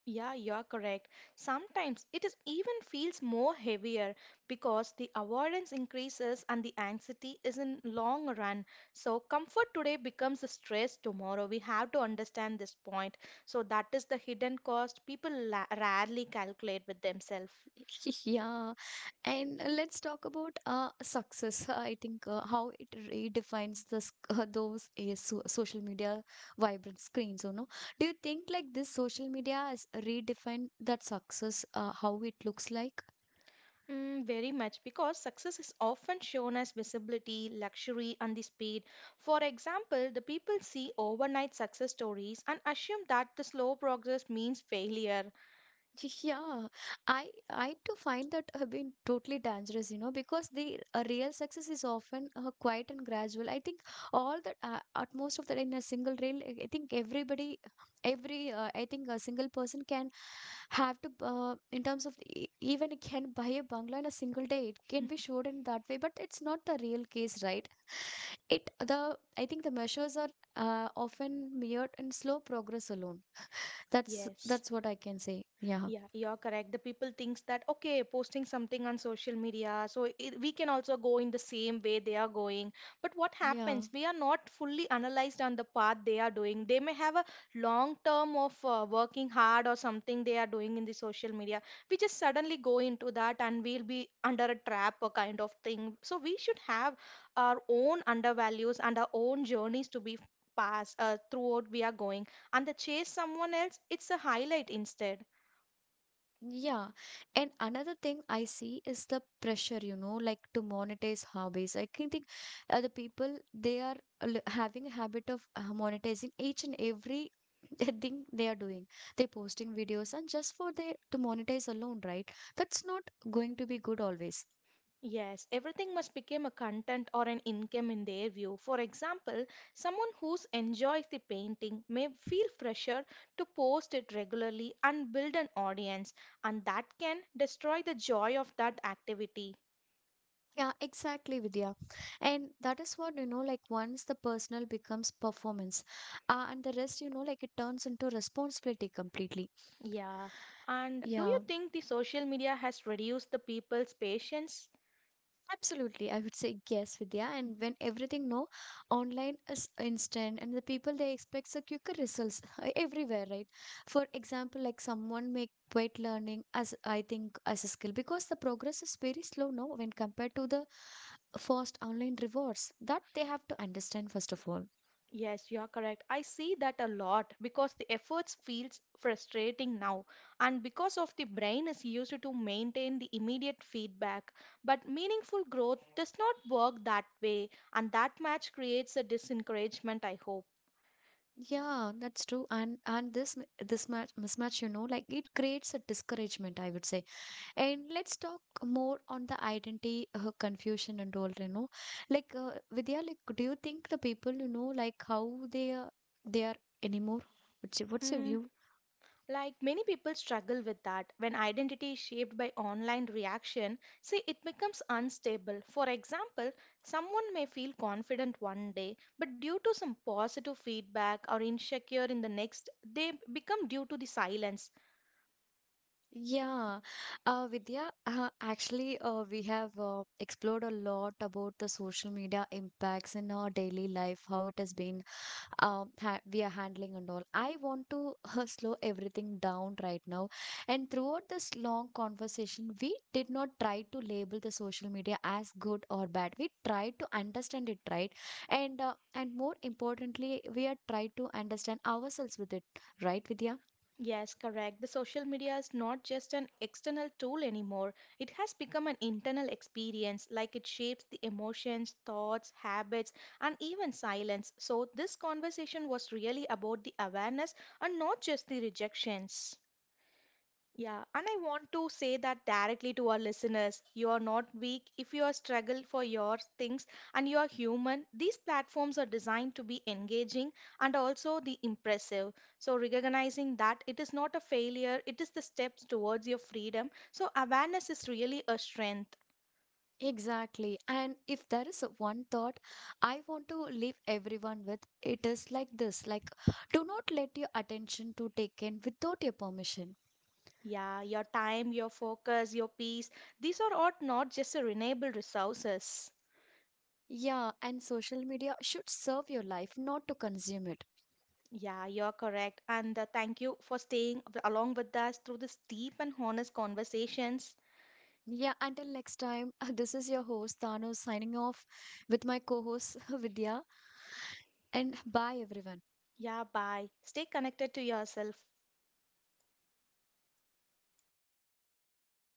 Yeah, you're correct. Sometimes it is even feels more heavier because the avoidance increases and the anxiety is in long run. So comfort today becomes a stress tomorrow. We have to understand this point. So that is the hidden cost people rarely calculate with themselves. Yeah. And let's talk about success. I think how it redefines this those social media vibrant screens. You know, do you think like this social media has redefined that success? How it looks like? Mm, very much because success is often shown as visibility, luxury, and the speed. For example, the people see overnight success stories and assume that the slow progress means failure. Yeah, I to find that have been totally dangerous, you know, because the real success is often quiet and gradual. I think all that at most of that in a single reel, I think everybody, every I think a single person can have to in terms of even it can buy a bungalow in a single day. It can be showed in that way, but it's not the real case, right? It the I think the measures are often mirrored in slow progress alone. Yes. That's what I can say. Yeah. Yeah, you're correct. The people thinks that okay, posting something on social media, so it, we can also go in the same way they are going. But what Yeah, happens? We are not fully analyzed on the path they are doing. They may have a long term of working hard or something they are doing in the social media. We just suddenly go into that and we'll be under a trap or kind of thing. So we should have our own undervalues and our own journeys to be passed throughout we are going. And the chase someone else, it's a highlight instead. yeah. And another thing I see is the pressure, you know, like to monetize hobbies. I can think the people they are having a habit of monetizing each and every thing they are doing. They're posting videos and just for they to monetize alone, right? That's not going to be good always. Yes, everything must become a content or an income in their view. For example, someone who enjoys the painting may feel pressure to post it regularly and build an audience, and that can destroy the joy of that activity. Yeah, exactly, Vidya. And that is what, you know, like once the personal becomes performance, and the rest, you know, like it turns into responsibility completely. Yeah, and do you Yeah. think the social media has reduced the people's patience? Absolutely, I would say yes, Vidya. And when everything no online is instant, and the people they expect the quicker results everywhere, right? For example, like someone make weight learning as I think as a skill, because the progress is very slow now when compared to the first online rewards that they have to understand first of all. Yes, you are correct. I see that a lot because the efforts feels frustrating now and because of the brain is used to maintain the immediate feedback, but meaningful growth does not work that way, and that match creates a disencouragement, I hope. Yeah, that's true. And this this match mismatch, you know, like it creates a discouragement, I would say. And let's talk more on the identity confusion and all, you know. Like, Vidya, like, do you think the people, you know, like how they are anymore? What's your Mm. view? Like many people struggle with that when identity is shaped by online reaction, see it becomes unstable. For example, someone may feel confident one day, but due to some positive feedback or insecure in the next, they become due to the silence. Yeah, Vidya, actually, we have explored a lot about the social media impacts in our daily life, how it has been we are handling and all. I want to slow everything down right now. And throughout this long conversation, we did not try to label the social media as good or bad. We tried to understand it, right? And more importantly, we are tried to understand ourselves with it, right, Vidya? Yes, correct. The social media is not just an external tool anymore. It has become an internal experience, like it shapes the emotions, thoughts, habits, and even silence. So, this conversation was really about the awareness and not just the rejections. Yeah, and I want to say that directly to our listeners. You are not weak if you are struggle for your things and you are human. These platforms are designed to be engaging and also the impressive. So recognizing that it is not a failure, it is the steps towards your freedom. So awareness is really a strength. Exactly. And if there is one thought I want to leave everyone with, it is like this, like do not let your attention to take in without your permission. Yeah, your time, your focus, your peace, these are all not just a renewable resources. Yeah, and social media should serve your life, not to consume it. Yeah, you're correct. And thank you for staying along with us through this deep and honest conversations. Yeah, until next time, this is your host, Thanos, signing off with my co host, Vidya. And bye, everyone. Yeah, bye. Stay connected to yourself.